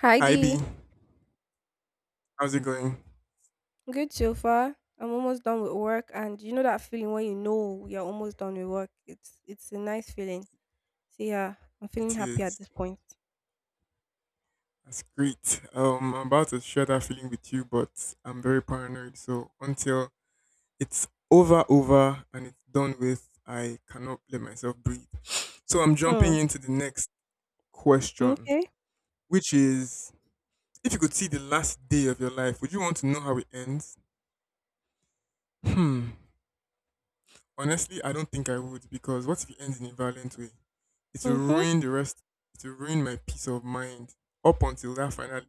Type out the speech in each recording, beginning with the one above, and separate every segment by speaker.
Speaker 1: Hi
Speaker 2: Hi B,
Speaker 1: Dee.
Speaker 2: how's it going?
Speaker 1: Good so far. I'm almost done with work and you know that feeling when you know you're almost done with work. It's a nice feeling. So yeah, I'm feeling
Speaker 2: It
Speaker 1: happy at
Speaker 2: is.
Speaker 1: this point.
Speaker 2: That's great. I'm about to share that feeling with you, but I'm very paranoid. So until it's over, over, and it's done with, I cannot let myself breathe. So I'm jumping
Speaker 1: Hmm.
Speaker 2: into the next question,
Speaker 1: Okay.
Speaker 2: which is: If you could see the last day of your life, would you want to know how it ends? Hmm. Honestly, I don't think I would because what if it ends in a violent way? It will
Speaker 1: Mm-hmm.
Speaker 2: ruin the rest. It will ruin my peace of mind up until that final.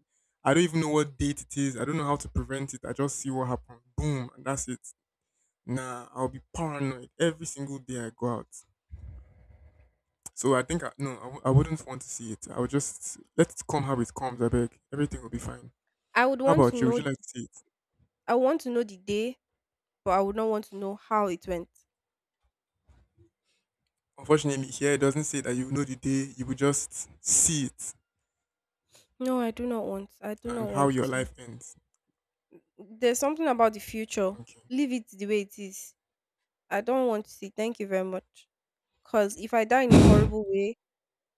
Speaker 2: I don't even know what date it is. I don't know how to prevent it. I just see what happened. Boom, and that's it. Nah, I'll be paranoid every single day I go out. So I think I, no, I w- I wouldn't want to see it. I would just let it come how it comes. I beg. Everything will be fine.
Speaker 1: I would
Speaker 2: How
Speaker 1: want to
Speaker 2: about you? Would
Speaker 1: know.
Speaker 2: you like to see it?
Speaker 1: I want to know the day, but I would not want to know how it went.
Speaker 2: Unfortunately, here it doesn't say that you know the day. You will just see it
Speaker 1: No, I do not want. I do
Speaker 2: and
Speaker 1: not
Speaker 2: how
Speaker 1: want to
Speaker 2: your
Speaker 1: see
Speaker 2: life
Speaker 1: it.
Speaker 2: ends.
Speaker 1: There's something about the future.
Speaker 2: Okay.
Speaker 1: Leave it the way it is. I don't want to see. Thank you very much. Cause if I die in a horrible way,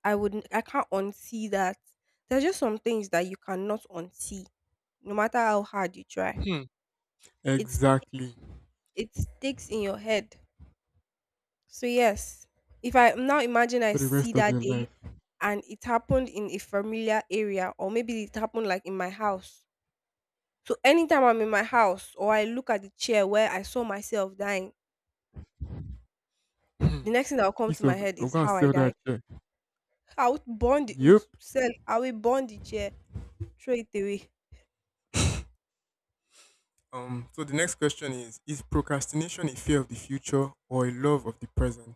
Speaker 1: I can't unsee that. There's just some things that you cannot unsee, no matter how hard you try.
Speaker 2: Hmm.
Speaker 1: It's
Speaker 2: Exactly.
Speaker 1: it sticks in your head. So yes, if I now imagine I
Speaker 2: For the rest
Speaker 1: see
Speaker 2: of
Speaker 1: that
Speaker 2: your life.
Speaker 1: day and it happened in a familiar area or maybe it happened like in my house. So anytime I'm in my house or I look at the chair where I saw myself dying,
Speaker 2: Hmm.
Speaker 1: the next thing that will come to
Speaker 2: Piece
Speaker 1: my
Speaker 2: of
Speaker 1: head
Speaker 2: I'm
Speaker 1: is
Speaker 2: gonna
Speaker 1: how I
Speaker 2: sell that
Speaker 1: died.
Speaker 2: chair. Yep.
Speaker 1: I will burn the chair, throw it away.
Speaker 2: So the next question is procrastination a fear of the future or a love of the present?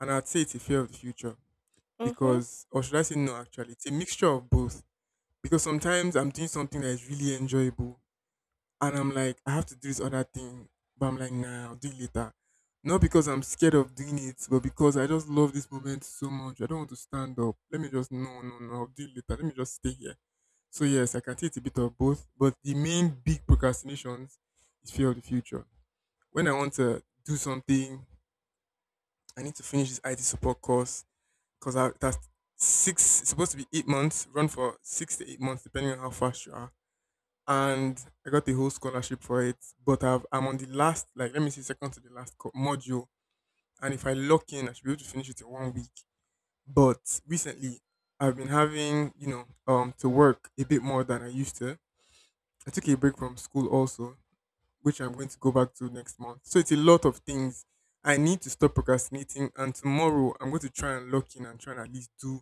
Speaker 2: And I'd say it's a fear of the future
Speaker 1: Hmm.
Speaker 2: because, or should I say, no? Actually, it's a mixture of both. Because sometimes I'm doing something that is really enjoyable, and I'm like, I have to do this other thing, but I'm like, nah, I'll do it later. Not because I'm scared of doing it, but because I just love this moment so much. I don't want to stand up. Let me just no, no, no. I'll do it later. Let me just stay here. So yes, I can say it's a bit of both, but the main big procrastinations is fear of the future. When I want to do something, I need to finish this IT support course because that's six. It's supposed to be 8 months. Run for 6 to 8 months, depending on how fast you are. And I got the whole scholarship for it, but I'm on the last, like let me see, second to the last module. And if I lock in, I should be able to finish it in 1 week. But recently, I've been having, you know, to work a bit more than I used to. I took a break from school also, which I'm going to go back to next month. So it's a lot of things. I need to stop procrastinating, and tomorrow I'm going to try and lock in and try and at least do,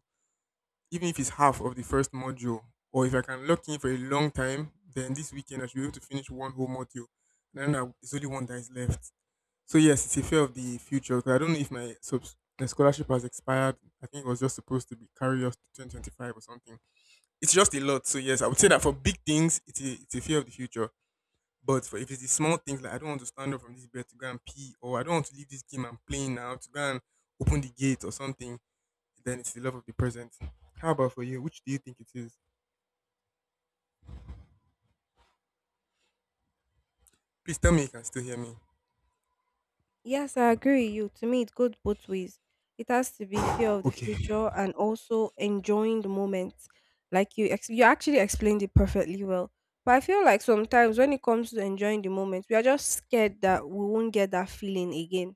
Speaker 2: even if it's half of the first module, or if I can lock in for a long time, then this weekend I should be able to finish one whole module. And then there's only one that is left. So yes, it's a fear of the future. 'Cause I don't know if my the scholarship has expired. I think it was just supposed to be carry us to 2025 or something. It's just a lot. So yes, I would say that for big things, it's a fear of the future, but for if it's the small things like I don't want to stand up from this bed to go and pee, or I don't want to leave this game I'm playing now to go and open the gate or something, then it's the love of the present. How about for you? Which do you think it is? Please tell me you can still hear me.
Speaker 1: Yes, I agree with you. To me, it goes both ways. It has to be fear of the
Speaker 2: Okay.
Speaker 1: future and also enjoying the moment. Like you, you actually explained it perfectly well. But I feel like sometimes when it comes to enjoying the moment, we are just scared that we won't get that feeling again.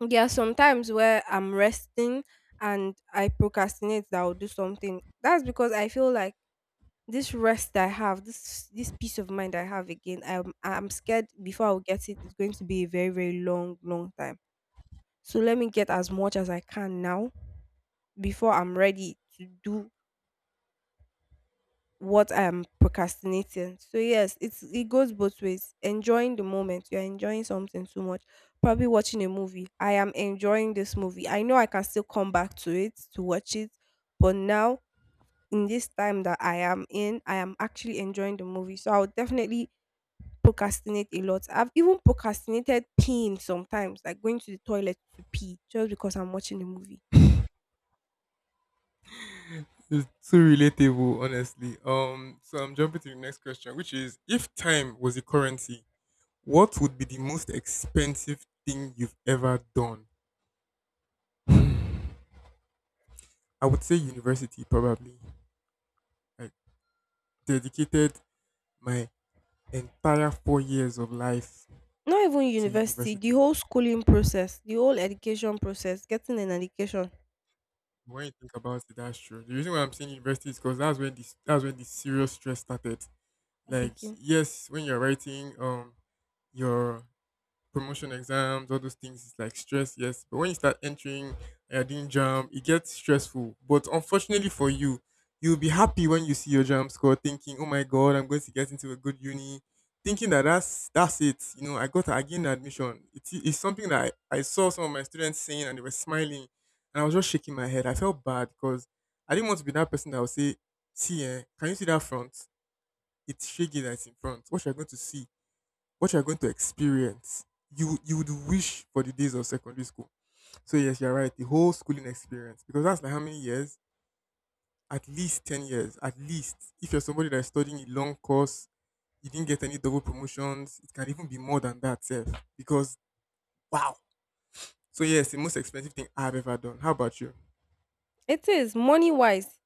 Speaker 1: There are sometimes where I'm resting and I procrastinate that I'll do something. That's because I feel like this rest I have, this peace of mind I have again, I'm scared before I'll get it. It's going to be a very, very long, long time. So let me get as much as I can now before I'm ready to do what I'm procrastinating. So yes, it goes both ways. Enjoying the moment, you're enjoying something too much. Probably watching a movie. I am enjoying this movie. I know I can still come back to it to watch it, but now, in this time that I am in, I am actually enjoying the movie. So I would definitely procrastinate a lot. I've even procrastinated peeing sometimes, like going to the toilet to pee just because I'm watching the movie.
Speaker 2: It's too relatable, honestly. So I'm jumping to the next question, which is if time was a currency, what would be the most expensive thing you've ever done? Hmm. I would say university probably. I dedicated my entire 4 years of life
Speaker 1: Not even
Speaker 2: to
Speaker 1: university, the
Speaker 2: university.
Speaker 1: whole schooling process, the whole education process, getting an education
Speaker 2: When you think about it, that's true. The reason why I'm saying university is because that's when the serious stress started. Like
Speaker 1: begin.
Speaker 2: yes, when you're writing your promotion exams, all those things, it's like stress, yes. But when you start entering you're doing jam, it gets stressful. But unfortunately for you, you'll be happy when you see your jam score, thinking, "Oh my god, I'm going to get into a good uni," thinking that that's it. You know, I gained admission. It's something that I saw some of my students saying, and they were smiling, and I was just shaking my head. I felt bad because I didn't want to be that person that would say, "See, eh, can you see that front? It's shaggy that's in front. What you're going to experience, you would wish for the days of secondary school. So yes, you're right. The whole schooling experience because that's like how many years? At least 10 years. At least if you're somebody that's studying a long course, you didn't get any double promotions. It can even be more than that, sir. Because wow. So yes, the most expensive thing I've ever done. How about you?
Speaker 1: It is money wise,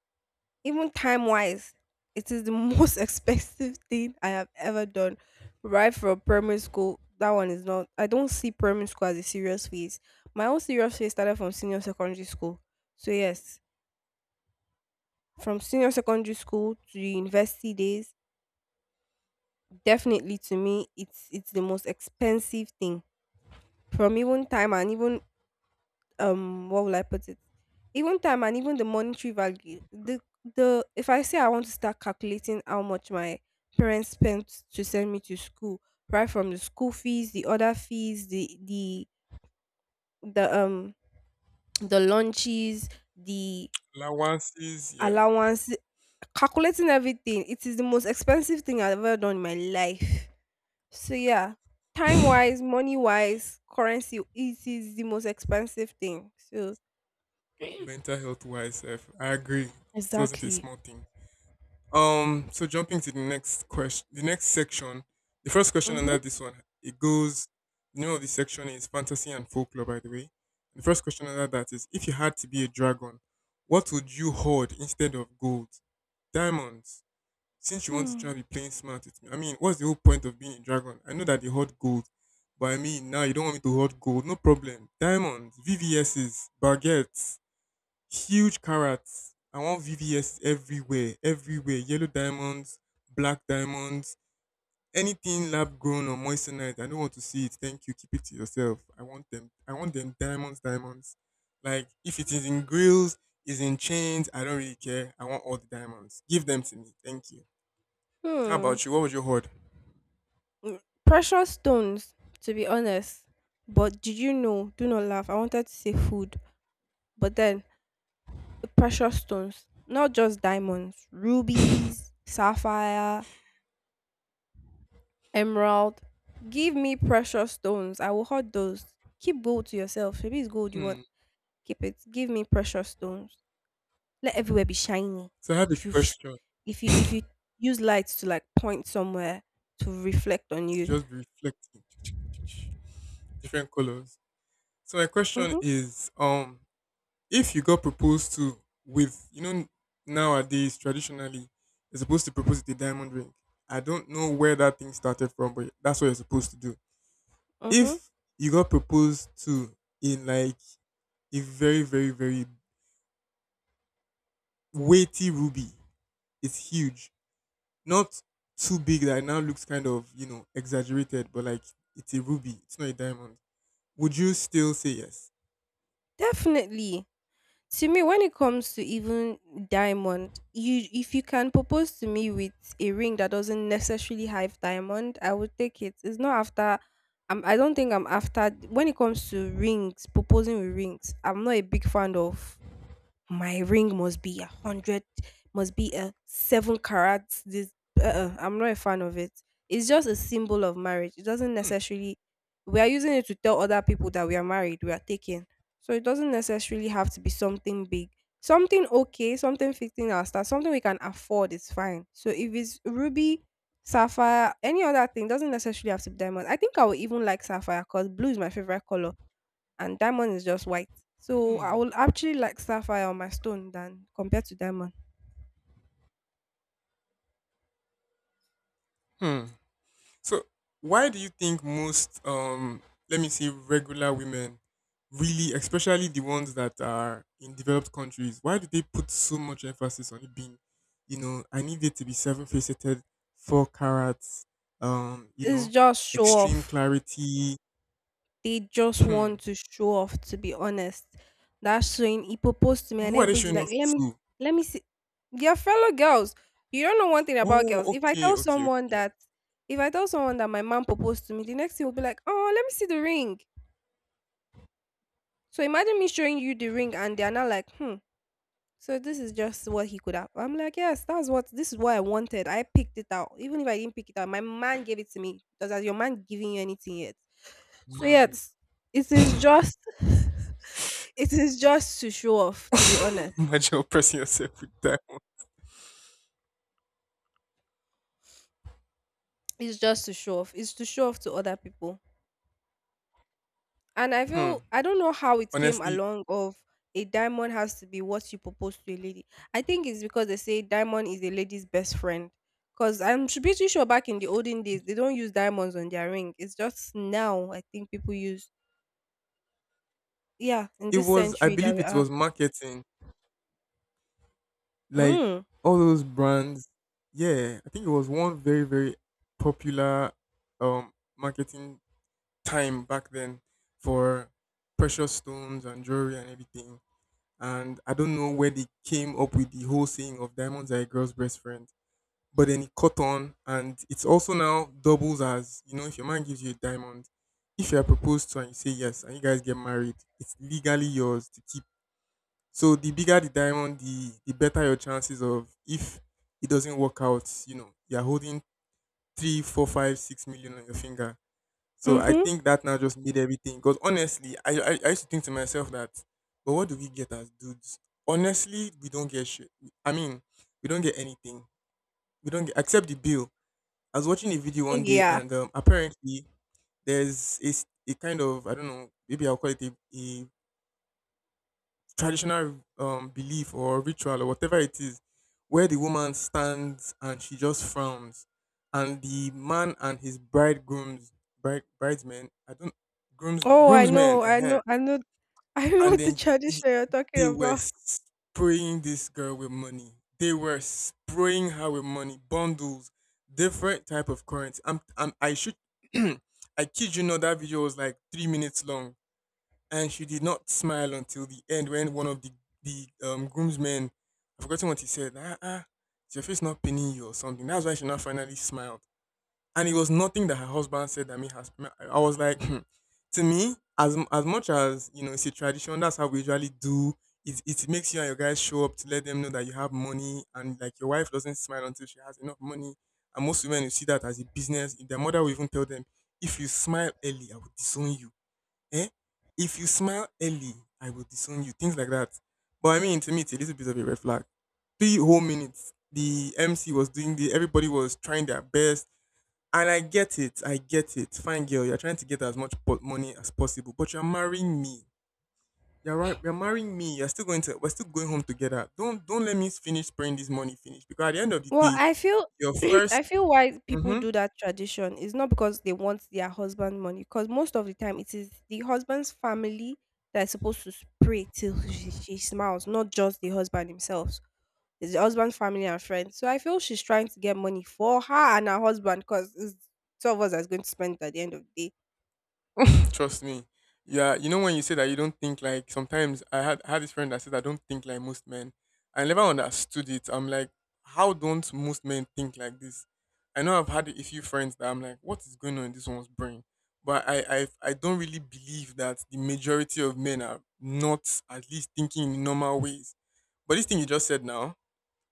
Speaker 1: even time wise. It is the most expensive thing I have ever done. Right from primary school, that one is not. I don't see primary school as a serious phase. My own serious phase started from senior secondary school. So yes, from senior secondary school to the university days, definitely to me, it's the most expensive thing from even time and even, what will I put it? Even time and even the monetary value. The If I say I want to start calculating how much my parents spent to send me to school, right from the school fees, the other fees, the the lunches, the
Speaker 2: Allowances, yeah.
Speaker 1: allowance, calculating everything. It is the most expensive thing I've ever done in my life. So yeah, time wise, money wise, currency, it is the most expensive thing. So.
Speaker 2: Mental health wise, sef, I agree. It wasn't a
Speaker 1: Exactly.
Speaker 2: small thing. So jumping to the next question, the next section, the first question under
Speaker 1: Mm-hmm.
Speaker 2: this one, it goes. The name of the section is fantasy and folklore, by the way. The first question under that is: If you had to be a dragon, what would you hoard instead of gold, diamonds? Since you want to try
Speaker 1: Hmm.
Speaker 2: and be playing smart with me, I mean, what's the whole point of being a dragon? I know that they hoard gold, but I mean, now you don't want me to hoard gold. No problem. Diamonds, VVSs, baguettes, huge carrots. I want VVS everywhere, everywhere. Yellow diamonds, black diamonds, anything lab grown or moissanite. I don't want to see it. Thank you. Keep it to yourself. I want them. I want them diamonds, diamonds. Like if it is in grills, is in chains. I don't really care. I want all the diamonds. Give them to me. Thank you. How
Speaker 1: Hmm.
Speaker 2: about you? What would you hoard?
Speaker 1: Mm, Precious stones, to be honest. But did you know? Do not laugh. I wanted to say food, but then, precious stones, not just diamonds. Rubies, sapphire, emerald. Give me precious stones. I will hoard those. Keep gold to yourself. Maybe it's gold you
Speaker 2: Hmm.
Speaker 1: want. Keep it. Give me precious stones. Let everywhere be shiny.
Speaker 2: So I have a
Speaker 1: If you, sh-
Speaker 2: question
Speaker 1: if you use lights to like point somewhere to reflect on
Speaker 2: to
Speaker 1: you.
Speaker 2: just be reflecting. Different colors. So my question is, if you got proposed to with you know nowadays traditionally you're supposed to propose with a diamond ring. I don't know where that thing started from, but that's what you're supposed to do.
Speaker 1: Mm-hmm.
Speaker 2: If you got proposed to in like a very very weighty ruby, it's huge, not too big that it now looks kind of you know exaggerated, but like it's a ruby, it's not a diamond, would you still say yes?
Speaker 1: Definitely. To me, when it comes to even diamond, you if you can propose to me with a ring that doesn't necessarily have diamond, I would take it. It's not after. I don't think I'm after. When it comes to rings, proposing with rings, I'm not a big fan of my ring must be 100, must be a 7 carats. This uh-uh, I'm not a fan of it. It's just a symbol of marriage. It doesn't necessarily. We are using it to tell other people that we are married. We are taken, so it doesn't necessarily have to be something big. Something okay, something 15 our star, something we can afford is fine. So if it's ruby, sapphire, any other thing doesn't necessarily have to be diamond. I think I would even like sapphire because blue is my favorite color and diamond is just white. So I
Speaker 2: Hmm.
Speaker 1: will actually like sapphire on my stone than compared to diamond.
Speaker 2: Hmm. So, why do you think most, let me say, regular women really, especially the ones that are in developed countries, why do they put so much emphasis on it being, you know, I need it to be seven faceted, four carats, you
Speaker 1: It's
Speaker 2: know,
Speaker 1: just show
Speaker 2: extreme
Speaker 1: off.
Speaker 2: clarity?
Speaker 1: They just want
Speaker 2: Hmm.
Speaker 1: to show off. To be honest, that's when he proposed to me,
Speaker 2: But
Speaker 1: and
Speaker 2: who are they
Speaker 1: everybody's
Speaker 2: showing
Speaker 1: like,
Speaker 2: off
Speaker 1: "Let me,
Speaker 2: to?
Speaker 1: let me see." Your fellow girls, you don't know one thing about
Speaker 2: Oh,
Speaker 1: girls. If I
Speaker 2: okay,
Speaker 1: tell
Speaker 2: okay, okay.
Speaker 1: someone
Speaker 2: Like,
Speaker 1: that, if I tell someone that my mom proposed to me, the next thing will be like, "Oh, let me see the ring." So imagine me showing you the ring, and they are not like, "Hmm." So this is just what he could have. I'm like, yes, that's what this is what I wanted. I picked it out. Even if I didn't pick it out, my man gave it to me. Does has your man giving you anything yet? So
Speaker 2: mad.
Speaker 1: yes, it is just it is just to show off, to be
Speaker 2: Oh.
Speaker 1: honest.
Speaker 2: Imagine oppressing yourself with that.
Speaker 1: It's just to show off. It's to show off to other people. And I
Speaker 2: Hmm.
Speaker 1: feel I don't know how it came
Speaker 2: Honestly,
Speaker 1: along of a diamond has to be what you propose to a lady. I think it's because they say diamond is a lady's best friend. Cause I'm pretty sure back in the olden days they don't use diamonds on their ring. It's just now, I think people use, yeah, in
Speaker 2: it
Speaker 1: this
Speaker 2: was, I
Speaker 1: century that
Speaker 2: believe
Speaker 1: we
Speaker 2: it
Speaker 1: are.
Speaker 2: was marketing. Like
Speaker 1: Mm.
Speaker 2: all those brands, yeah, I think it was one very popular um marketing time back then for precious stones and jewelry and everything. And I don't know where they came up with the whole saying of diamonds are a girl's best friend. But then it caught on, and it's also now doubles as, you know, if your man gives you a diamond, if you are proposed to and you say yes and you guys get married, it's legally yours to keep, so the bigger the diamond, the better your chances of if it doesn't work out, you know, you're holding three, four, five, 6 million on your finger. So I
Speaker 1: Mhm.
Speaker 2: think that now just made everything. Because honestly, I used to think to myself that, but what do we get as dudes? Honestly, we don't get shit. I mean, we don't get anything. We don't get except the bill. I was watching a video one day
Speaker 1: Yeah.
Speaker 2: and apparently there's a kind of I don't know maybe I'll call it a traditional belief or ritual or whatever it is, where the woman stands and she just frowns, and the man and his bridegrooms, bride, bridesmen, I don't, grooms,
Speaker 1: Oh, I
Speaker 2: groomsmen,
Speaker 1: know. I know. I know. I know
Speaker 2: and
Speaker 1: the
Speaker 2: then y-
Speaker 1: tradition you're talking
Speaker 2: they were
Speaker 1: about.
Speaker 2: spraying this girl with money. They were spraying her with money, bundles, different type of currency. I should, I kid you not, that video was like 3 minutes long, and she did not smile until the end when one of the groomsmen, I've forgotten what he said. Like, ah, ah, is your face not pinning you or something? That's why she now finally smiled. And it was nothing that her husband said that me has. I was like, hmm. To me, as much as you know, it's a tradition. That's how we usually do. It makes you and your guys show up to let them know that you have money, and like your wife doesn't smile until she has enough money. And most women will see that as a business. Their mother will even tell them, if you smile early, I will disown you, eh, if you smile early, I will disown you, things like that. But I mean, to me, it's a little bit of a red flag. Three whole minutes, the MC was doing the, everybody was trying their best. And I get it, I get it. Fine girl, you're trying to get as much money as possible, but you're marrying me. You're right, you're marrying me. You're still going to, we're still going home together. Don't let me finish spraying this money finish, because at the end of the
Speaker 1: Well,
Speaker 2: day,
Speaker 1: I feel
Speaker 2: your
Speaker 1: I
Speaker 2: 1st.
Speaker 1: feel why people do that tradition is not because they want their husband money, because most of the time it is the husband's family that is supposed to pray till she smiles, not just the husband himself. It's the husband's family and friends. So I feel she's trying to get money for her and her husband because it's two of us that's going to spend it at the end of the day.
Speaker 2: Trust me. Yeah, you know when you say that you don't think like sometimes I had this friend that said I don't think like most men. I never understood it. I'm like, how don't most men think like this? I know I've had a few friends that I'm like, what is going on in this one's brain? But I don't really believe that the majority of men are not at least thinking in normal ways. But this thing you just said now,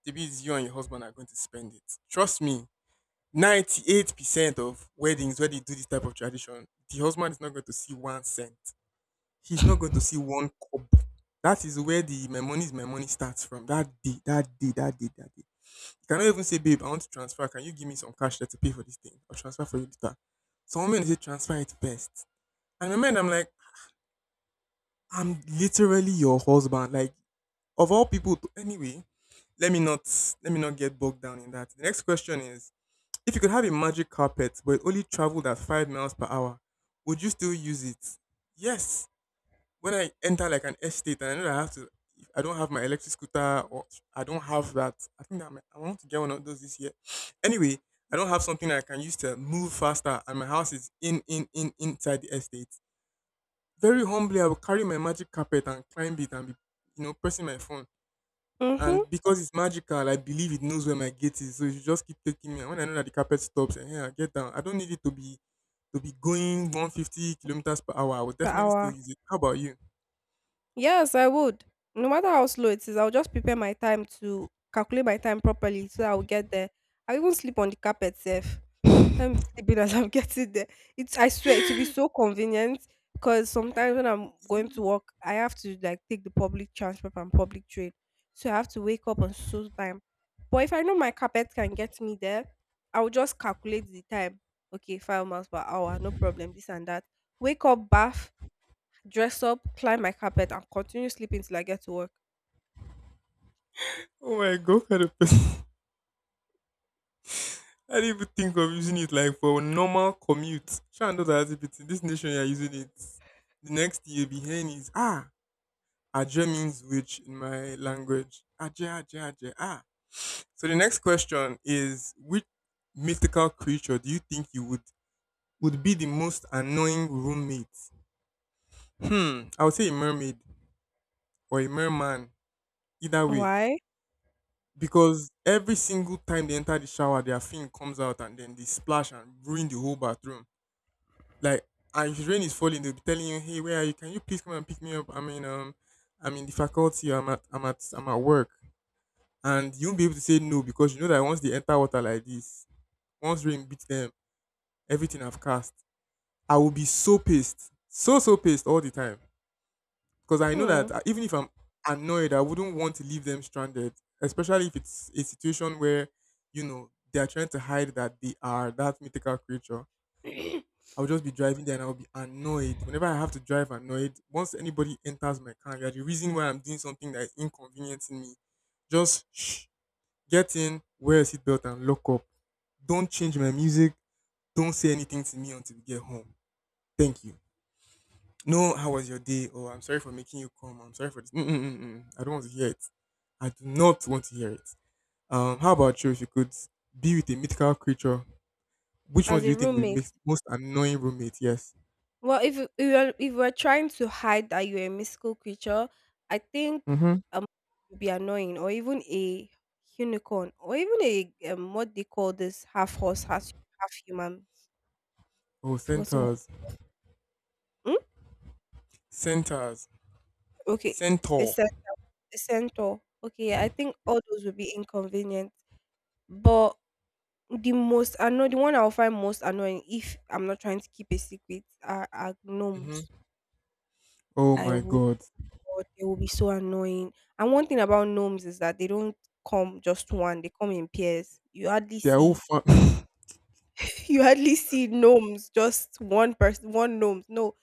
Speaker 2: maybe it's you and your husband are going to spend it. Trust me, 98% of weddings where they do this type of tradition, the husband is not going to see 1 cent. He's not going to see one cup. That is where the my money is my money starts from. That day, that day, that day, that day. You cannot even say, babe, I want to transfer. Can you give me some cash there to pay for this thing? I'll transfer for you later. Some women say transfer it best. And in my mind, I'm like, I'm literally your husband. Like, of all people to, anyway, let me not, let me not get bogged down in that. The next question is, if you could have a magic carpet but it only traveled at 5 miles per hour, would you still use it? Yes. When I enter like an estate and I know that I have to, if I don't have my electric scooter or I don't have that, I think that my, I want to get one of those this year. Anyway, I don't have something that I can use to move faster and my house is inside the estate. Very humbly, I will carry my magic carpet and climb it and be, you know, pressing my phone.
Speaker 1: Mm-hmm.
Speaker 2: And because it's magical, I believe it knows where my gate is. So it should just keep taking me. And when I know that the carpet stops, and yeah, I get down. I don't need it to be going 150 kilometers per hour. I would
Speaker 1: Per
Speaker 2: definitely still
Speaker 1: hour.
Speaker 2: use it. How about you?
Speaker 1: Yes, I would. No matter how slow it is, I'll just prepare my time to calculate my time properly so that I'll get there. I even sleep on the carpet safe. Let me be sleeping as I'm getting there. It's I swear it will be so convenient because sometimes when I'm going to work, I have to like take the public transport and public train. So I have to wake up on so time. But if I know my carpet can get me there, I will just calculate the time. Okay, 5 miles per hour, no problem, this and that. Wake up, bath, dress up, climb my carpet, and continue sleeping till I get to work.
Speaker 2: Oh my God, kind of person. I didn't even think of using it like for normal commute. Sure, knows that in this nation you're using it. The next thing you'll be hearing is ah, Aje means which in my language. Aje, Aje, Aje, ah. So the next question is, which mythical creature do you think you would be the most annoying roommate? Hmm, I would say a mermaid or a merman, either way.
Speaker 1: Why?
Speaker 2: Because every single time they enter the shower, their fin comes out and then they splash and ruin the whole bathroom. Like, and if rain is falling, they'll be telling you, "Hey, where are you? Can you please come and pick me up? I mean, I'm in the faculty. I'm at work." And you will be able to say no because you know that once they enter water like this, once rain beats them, everything I've cast, I will be so pissed, so pissed all the time. Because I know
Speaker 1: Hmm.
Speaker 2: that even if I'm annoyed, I wouldn't want to leave them stranded, especially if it's a situation where you know they are trying to hide that they are that mythical creature. I'll just be driving there and I'll be annoyed. Whenever I have to drive annoyed, once anybody enters my car, you're the reason why I'm doing something that is inconveniencing me. Just shh, get in, wear a seatbelt, and lock up. Don't change my music. Don't say anything to me until we get home. Thank you. No, how was your day? Oh, I'm sorry for making you come. I'm sorry for this. Mm-mm-mm-mm. I don't want to hear it. I do not want to hear it. How about you? If you could be with a mythical creature, which one
Speaker 1: As
Speaker 2: do
Speaker 1: a
Speaker 2: you think would be
Speaker 1: roommate.
Speaker 2: most annoying roommate? Yes.
Speaker 1: Well, if you if you're, if we're trying to hide that you're a mystical creature, I think
Speaker 2: Mm-hmm.
Speaker 1: um would be annoying, or even a unicorn, or even a what they call this half horse, half human.
Speaker 2: Oh,
Speaker 1: Forgotten what?
Speaker 2: centaurs,
Speaker 1: Hmm?
Speaker 2: centaurs,
Speaker 1: Okay, a,
Speaker 2: centaur.
Speaker 1: cen- a centaur. Okay, I think all those would be inconvenient. But the most annoying, the one I'll find most annoying if I'm not trying to keep a secret, are
Speaker 2: Mm-hmm.
Speaker 1: gnomes.
Speaker 2: Oh
Speaker 1: I
Speaker 2: my
Speaker 1: would.
Speaker 2: God,
Speaker 1: God, they will be so annoying. And one thing about gnomes is that they don't come just one; they come in pairs. You hardly
Speaker 2: they are all
Speaker 1: see
Speaker 2: fun.
Speaker 1: you hardly see gnomes just one person one gnomes. No,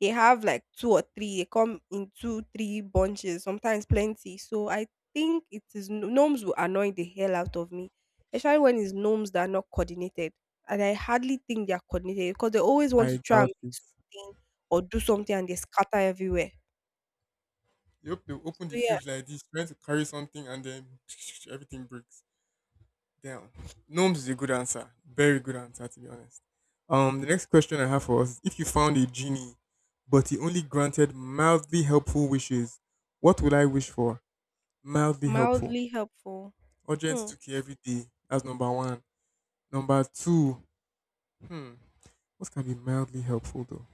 Speaker 1: they have like two or three. They come in two, three bunches, sometimes plenty. So I think it is gnomes will annoy the hell out of me, especially when it's gnomes that are not coordinated. And I hardly think they are coordinated because they always want
Speaker 2: I
Speaker 1: to try and
Speaker 2: doubt
Speaker 1: make
Speaker 2: it.
Speaker 1: something or do something and they scatter everywhere.
Speaker 2: You hope they
Speaker 1: So
Speaker 2: open the fridge
Speaker 1: yes,
Speaker 2: like this, trying to carry something, and then everything breaks. Damn. Gnomes is a good answer. Very good answer, to be honest. The next question I have for us is, if you found a genie, but he only granted mildly helpful wishes, what would I wish for? Mildly helpful.
Speaker 1: mildly helpful.
Speaker 2: Urgent
Speaker 1: Hmm.
Speaker 2: took you every day. That's number one. Number two. Hmm. What can be mildly helpful though?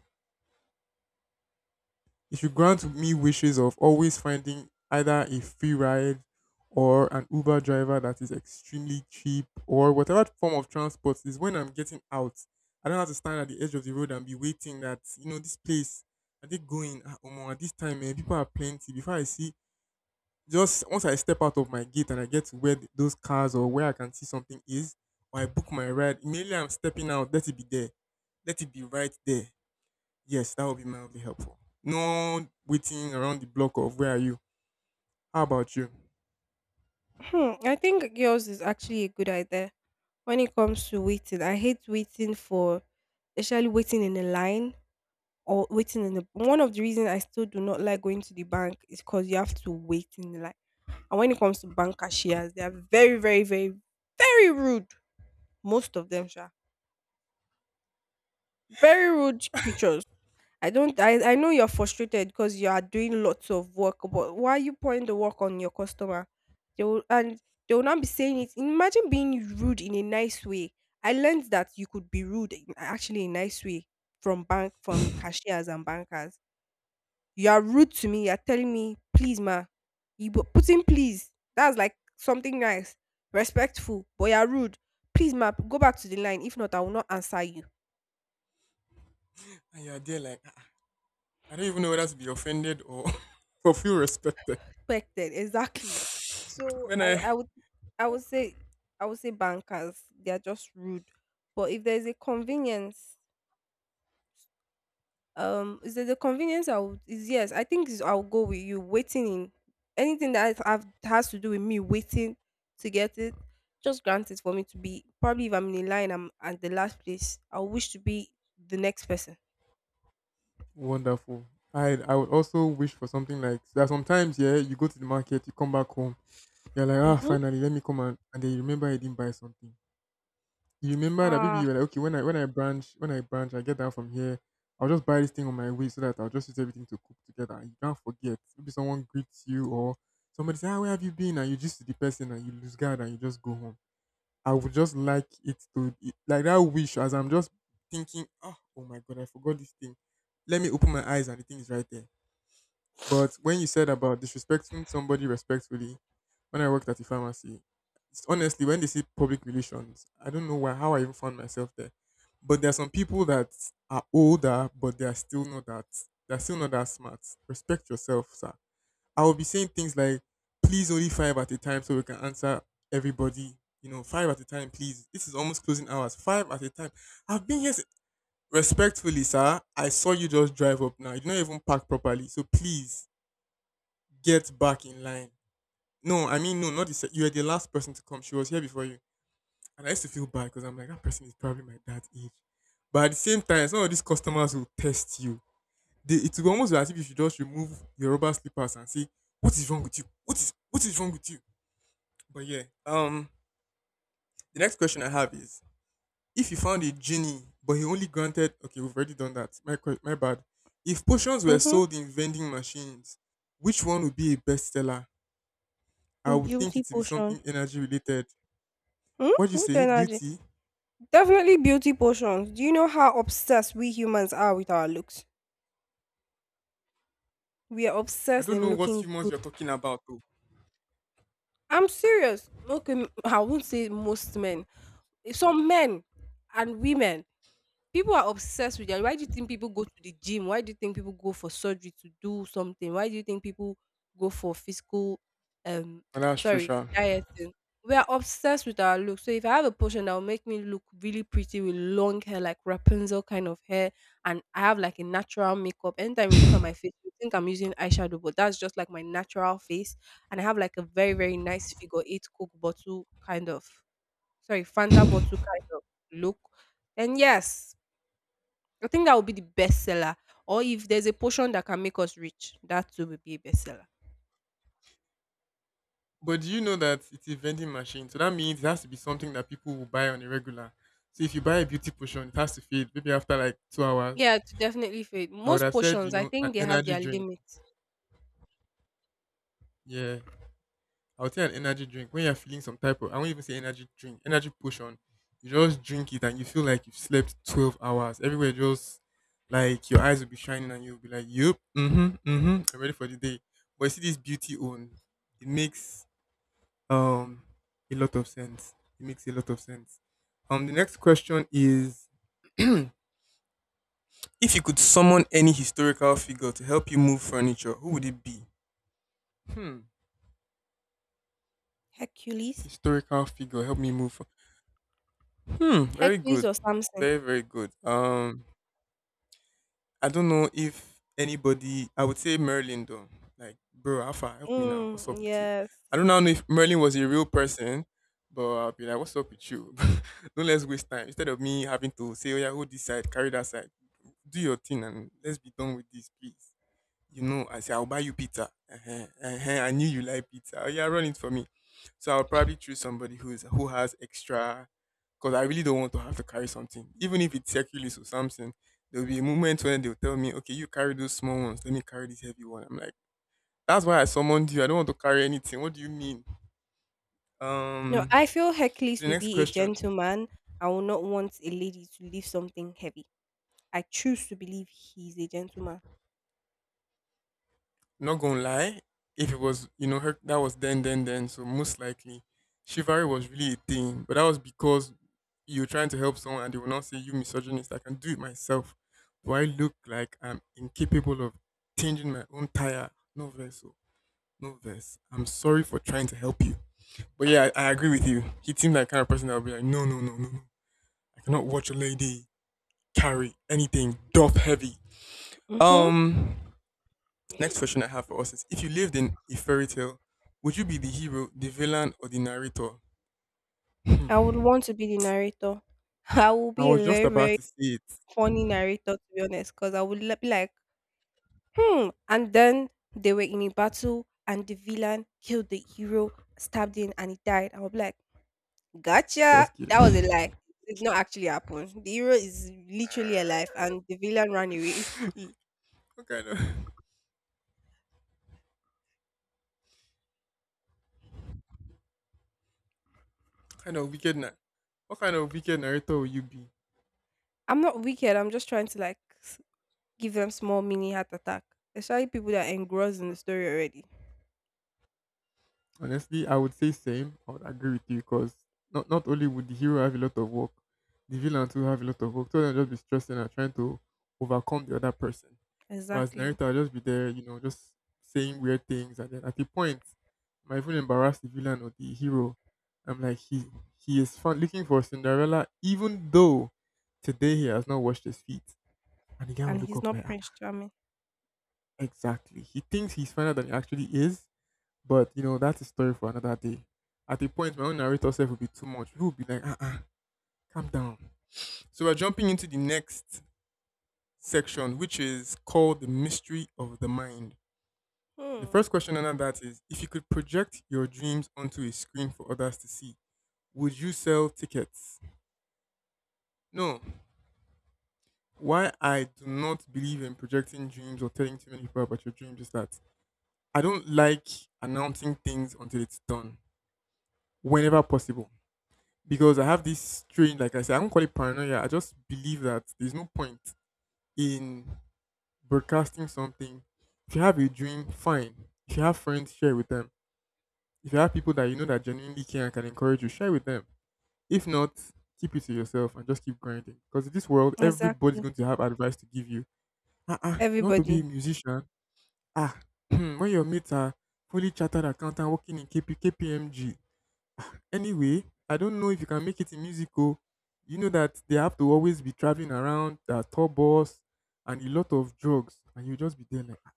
Speaker 2: You should grant me wishes of always finding either a free ride or an Uber driver that is extremely cheap or whatever form of transport is when I'm getting out. I don't have to stand at the edge of the road and be waiting that, you know, this place, are they going? Ah, omo, at this time, eh, people are plenty. Before I see, just once I step out of my gate and I get to where those cars or where I can see something is, or I book my ride, immediately I'm stepping out, let it be there. Let it be right there. Yes, that would be mildly helpful. No waiting around the block of where are you? How about you?
Speaker 1: Hmm. I think yours is actually a good idea when it comes to waiting. I hate waiting for, especially waiting in a line or waiting in the. One of the reasons I still do not like going to the bank is because you have to wait in the line. And when it comes to bank cashiers, they are very, very, very, very rude. Most of them, sure, very rude creatures. I don't I know you're frustrated because you are doing lots of work, but why are you pouring the work on your customer? They will and they will not be saying it. Imagine being rude in a nice way. I learned that you could be rude in actually a nice way from bank from cashiers and bankers. You are rude to me, you're telling me, please ma, you put in please. That's like something nice, respectful, but you're rude. Please ma, go back to the line. If not, I will not answer you.
Speaker 2: And you're there like, "Ah, I don't even know whether to be offended or or feel respected.
Speaker 1: Expected exactly. so
Speaker 2: When
Speaker 1: i
Speaker 2: I
Speaker 1: i would, i would say I would say bankers, they are just rude. But if there's a convenience, is there a convenience? I would, is, yes, I think is, I'll go with you waiting in anything that have has to do with me waiting to get it. Just grant it for me to be. Probably if I'm in a line, I'm at the last place I wish to be, the next person.
Speaker 2: wonderful. I would also wish for something like there are sometimes yeah, you go to the market, you come back home, you're like ah
Speaker 1: Mm-hmm.
Speaker 2: finally let me come, and then you remember you didn't buy something. You remember that maybe
Speaker 1: Ah.
Speaker 2: you were like, okay, when I branch, I get down from here. I'll just buy this thing on my way so that I'll just use everything to cook together. You can't forget. Maybe someone greets you or somebody say, ah, where have you been? And you just see the person and you lose guard and you just go home. I would just like it to like that wish as I'm just thinking, oh, oh my God, I forgot this thing. Let me open my eyes and the thing is right there. But when you said about disrespecting somebody respectfully, when I worked at the pharmacy, it's- honestly, when they see public relations, I don't know why how I even found myself there. But there are some people that are older, but they are still not that smart. Respect yourself, sir. I will be saying things like, please only five at a time so we can answer everybody. You know, five at a time, please. This is almost closing hours. Five at a time. I've been here s- Respectfully, sir. I saw you just drive up now. You did not even park properly. So please get back in line. No, I mean no, not the you were the last person to come. She was here before you, and I used to feel bad because I'm like that person is probably my dad's age. But at the same time, some of these customers will test you. They, it will almost be as if you should just remove your rubber slippers and say, "What is wrong with you? What is wrong with you?" But yeah, the next question I have is, if you found a genie, but he only granted okay, we've already done that. My bad. If potions were
Speaker 1: Mm-hmm.
Speaker 2: sold in vending machines, which one would be a bestseller? I would think
Speaker 1: Beauty
Speaker 2: it would be
Speaker 1: potion.
Speaker 2: something energy related.
Speaker 1: Hmm?
Speaker 2: What do you
Speaker 1: Which
Speaker 2: say?
Speaker 1: energy?
Speaker 2: Beauty?
Speaker 1: Definitely beauty portions. Do you know how obsessed we humans are with our looks? We are
Speaker 2: I
Speaker 1: obsessed
Speaker 2: don't
Speaker 1: in
Speaker 2: know what
Speaker 1: looking
Speaker 2: humans
Speaker 1: good.
Speaker 2: you're talking about though.
Speaker 1: I'm serious. No. Okay, I won't say most men. Some men and women. People are obsessed with that. Why do you think people go to the gym? Why do you think people go for surgery to do something? Why do you think people go for physical, um
Speaker 2: And that's true,
Speaker 1: sorry,
Speaker 2: sha.
Speaker 1: dieting? We are obsessed with our look. So if I have a portion that will make me look really pretty with long hair, like Rapunzel kind of hair, and I have like a natural makeup. Anytime you look at my face, you think I'm using eyeshadow, but that's just like my natural face. And I have like a very, very nice figure eight Coke bottle kind of, sorry, Fanta bottle kind of look. And yes, I think that would be the best seller. Or if there's a portion that can make us rich, that too would be a bestseller.
Speaker 2: But do you know that it's a vending machine? So that means it has to be something that people will buy on a regular. So if you buy a beauty potion, it has to fade maybe after like 2 hours.
Speaker 1: Yeah, to definitely fit.
Speaker 2: I would
Speaker 1: Most
Speaker 2: have said, you
Speaker 1: portions, I
Speaker 2: know, an
Speaker 1: think they have
Speaker 2: energy
Speaker 1: their
Speaker 2: drink.
Speaker 1: limits.
Speaker 2: Yeah. I would say an energy drink. When you're feeling some type of, I won't even say energy drink, energy potion. You just drink it and you feel like you've slept 12 hours. Everywhere just like your eyes will be shining and you'll be like, yep, mm hmm, I'm ready for the day. But you see this beauty own, it makes Um, a lot of sense. It makes a lot of sense. The next question is: If you could summon any historical figure to help you move furniture, who would it be? Hmm.
Speaker 1: Hercules?
Speaker 2: Historical figure, help me move. Hmm. Very
Speaker 1: Hercules
Speaker 2: good.
Speaker 1: or something.
Speaker 2: Very, very good. I don't know if anybody. I would say Merlin though. Like, bro, Alpha, help me now. What's
Speaker 1: Mm,
Speaker 2: up with you?
Speaker 1: yes.
Speaker 2: I don't now know if Merlin was a real person, but I'll be like, what's up with you? Don't let's waste time. Instead of me having to say, oh yeah, hold this side, carry that side. Do your thing and let's be done with this, please. You know, I say I'll buy you pizza. Uh-huh, uh-huh, I knew you like pizza. Oh, yeah, run it for me. So I'll probably choose somebody who has extra because I really don't want to have to carry something. Even if it's Hercules or something, there'll be a moment when they'll tell me, okay, you carry those small ones, let me carry this heavy one. I'm like, that's why I summoned you. I don't want to carry anything. What do you mean?
Speaker 1: No,
Speaker 2: Um,
Speaker 1: I feel
Speaker 2: so
Speaker 1: Hercules
Speaker 2: the
Speaker 1: will
Speaker 2: next
Speaker 1: be a
Speaker 2: question.
Speaker 1: gentleman. I will not want a lady to lift something heavy. I choose to believe he's a gentleman.
Speaker 2: Not gonna lie, if it was you know her that was then, so most likely chivalry was really a thing, but that was because you're trying to help someone and they will not say you misogynist. I can do it myself. Do I look like I'm incapable of changing my own tire? No verse, oh. No verse. I'm sorry for trying to help you, but yeah, I agree with you. He seemed like kind of person that would be like, no, no, no, no, no. I cannot watch a lady carry anything, duff heavy.
Speaker 1: Mm-hmm.
Speaker 2: Um, Next question I have for us is: If you lived in a fairy tale, would you be the hero, the villain, or the narrator?
Speaker 1: I would
Speaker 2: Hmm.
Speaker 1: want to be the narrator. I will
Speaker 2: I
Speaker 1: be
Speaker 2: was
Speaker 1: a
Speaker 2: just
Speaker 1: very,
Speaker 2: about
Speaker 1: very
Speaker 2: to say it.
Speaker 1: funny narrator, to be honest, because I would be like, hmm. And then they were in a battle, and the villain killed the hero, stabbed him, and he died. I was like, gotcha.
Speaker 2: Just kidding.
Speaker 1: That was a lie. It did not actually happen. The hero is literally alive, and the villain ran away.
Speaker 2: what kind of what kind of wicked na- what kind of wicked narrator will you be?
Speaker 1: I'm not wicked. I'm just trying to like give them small mini heart attack. Especially people that are engrossed in the story already.
Speaker 2: Honestly, I would say same. I would agree with you because not only would the hero have a lot of work, the villain too have a lot of work. So they'll just be stressing and trying to overcome the other person. But as
Speaker 1: Exactly.
Speaker 2: narrator, I'll just be there, you know, just saying weird things, and then at the point, I might even embarrass the villain or the hero. I'm like, he is fun, looking for Cinderella, even though today he has not washed his feet. And the guy will
Speaker 1: And
Speaker 2: look
Speaker 1: he's
Speaker 2: up
Speaker 1: not
Speaker 2: like, "Ah,
Speaker 1: Prince
Speaker 2: ah,
Speaker 1: Charming.
Speaker 2: exactly. He thinks he's finer than he actually is, but you know, that's a story for another day. At a point, my own narrator self will be too much. People will be like, uh-uh, calm down. So we're jumping into the next section, which is called the mystery of the mind. The first
Speaker 1: Hmm.
Speaker 2: question under that is: if you could project your dreams onto a screen for others to see, would you sell tickets? No. Why I do not believe in projecting dreams or telling too many people about your dreams is that I don't like announcing things until it's done, whenever possible. Because I have this strange, like I said, I don't call it paranoia. I just believe that there's no point in broadcasting something. If you have a dream, fine. If you have friends, share with them. If you have people that you know that genuinely care and can encourage you, share with them. If not, keep it to yourself and just keep grinding. Because in this world, everybody's
Speaker 1: Exactly.
Speaker 2: going to have advice to give you. Ah, ah, you want to be a
Speaker 1: Everybody.
Speaker 2: musician? Ah, when your mates are fully chartered accountant working in KPKPMG. Anyway, I don't know if you can make it in musical. You know that they have to always be traveling around, there are tour bus and a lot of drugs, and you just be there like. "Ah."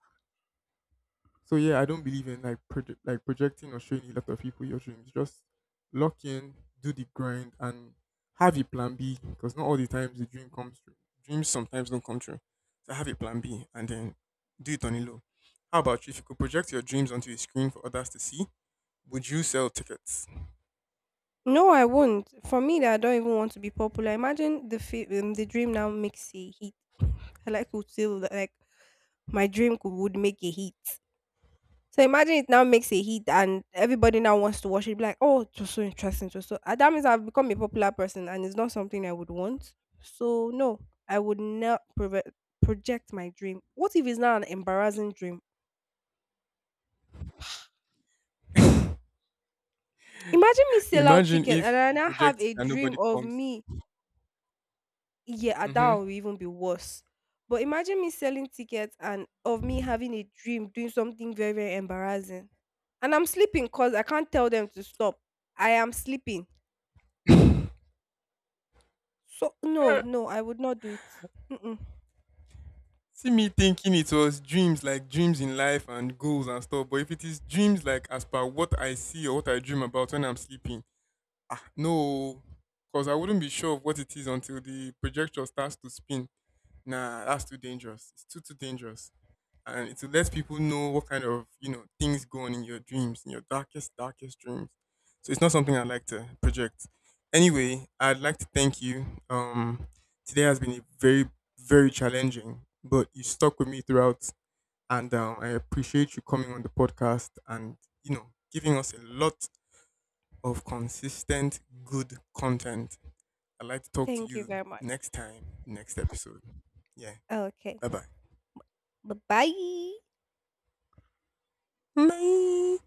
Speaker 2: So yeah, I don't believe in like like projecting or showing a lot of people your dreams. Just lock in, do the grind, and have a plan B because not all the times the dream comes true. Dreams sometimes don't come true. So have a plan B and then do it on a low. How about you? If you could project your dreams onto a screen for others to see, would you sell tickets?
Speaker 1: No, I won't. For me, that I don't even want to be popular. Imagine the the dream now makes a hit. I like to feel that, like my dream could would make a hit. So imagine it now makes a hit and everybody now wants to watch it. Be like, oh, it was so interesting. It was so. That means I've become a popular person and it's not something I would want. So no, I would not project my dream. What if it's now an embarrassing dream? Imagine me sell out
Speaker 2: Imagine
Speaker 1: ticket and
Speaker 2: if
Speaker 1: I
Speaker 2: you
Speaker 1: now
Speaker 2: project
Speaker 1: have
Speaker 2: it
Speaker 1: a
Speaker 2: and
Speaker 1: dream
Speaker 2: nobody
Speaker 1: of
Speaker 2: comes.
Speaker 1: me. Yeah, that
Speaker 2: Hmm.
Speaker 1: would even be worse. But imagine me selling tickets and of me having a dream doing something very, very embarrassing. And I'm sleeping because I can't tell them to stop. I am sleeping. So, no, no, I would not do it. Mm-mm.
Speaker 2: See me thinking it was dreams, like dreams in life and goals and stuff. But if it is dreams, like as per what I see or what I dream about when I'm sleeping, ah, no, because I wouldn't be sure of what it is until the projector starts to spin. Nah, that's too dangerous. It's too dangerous. And it will let people know what kind of, you know, things go on in your dreams, in your darkest, darkest dreams. So it's not something I like to project. Anyway, I'd like to thank you. Today has been a very, very challenging, but you stuck with me throughout, and I appreciate you coming on the podcast and you know giving us a lot of consistent, good content. I'd like to talk to
Speaker 1: Thank you
Speaker 2: you
Speaker 1: very much.
Speaker 2: next time, next episode. Yeah,
Speaker 1: Okay.
Speaker 2: bye bye.
Speaker 1: Bye bye.
Speaker 2: Bye.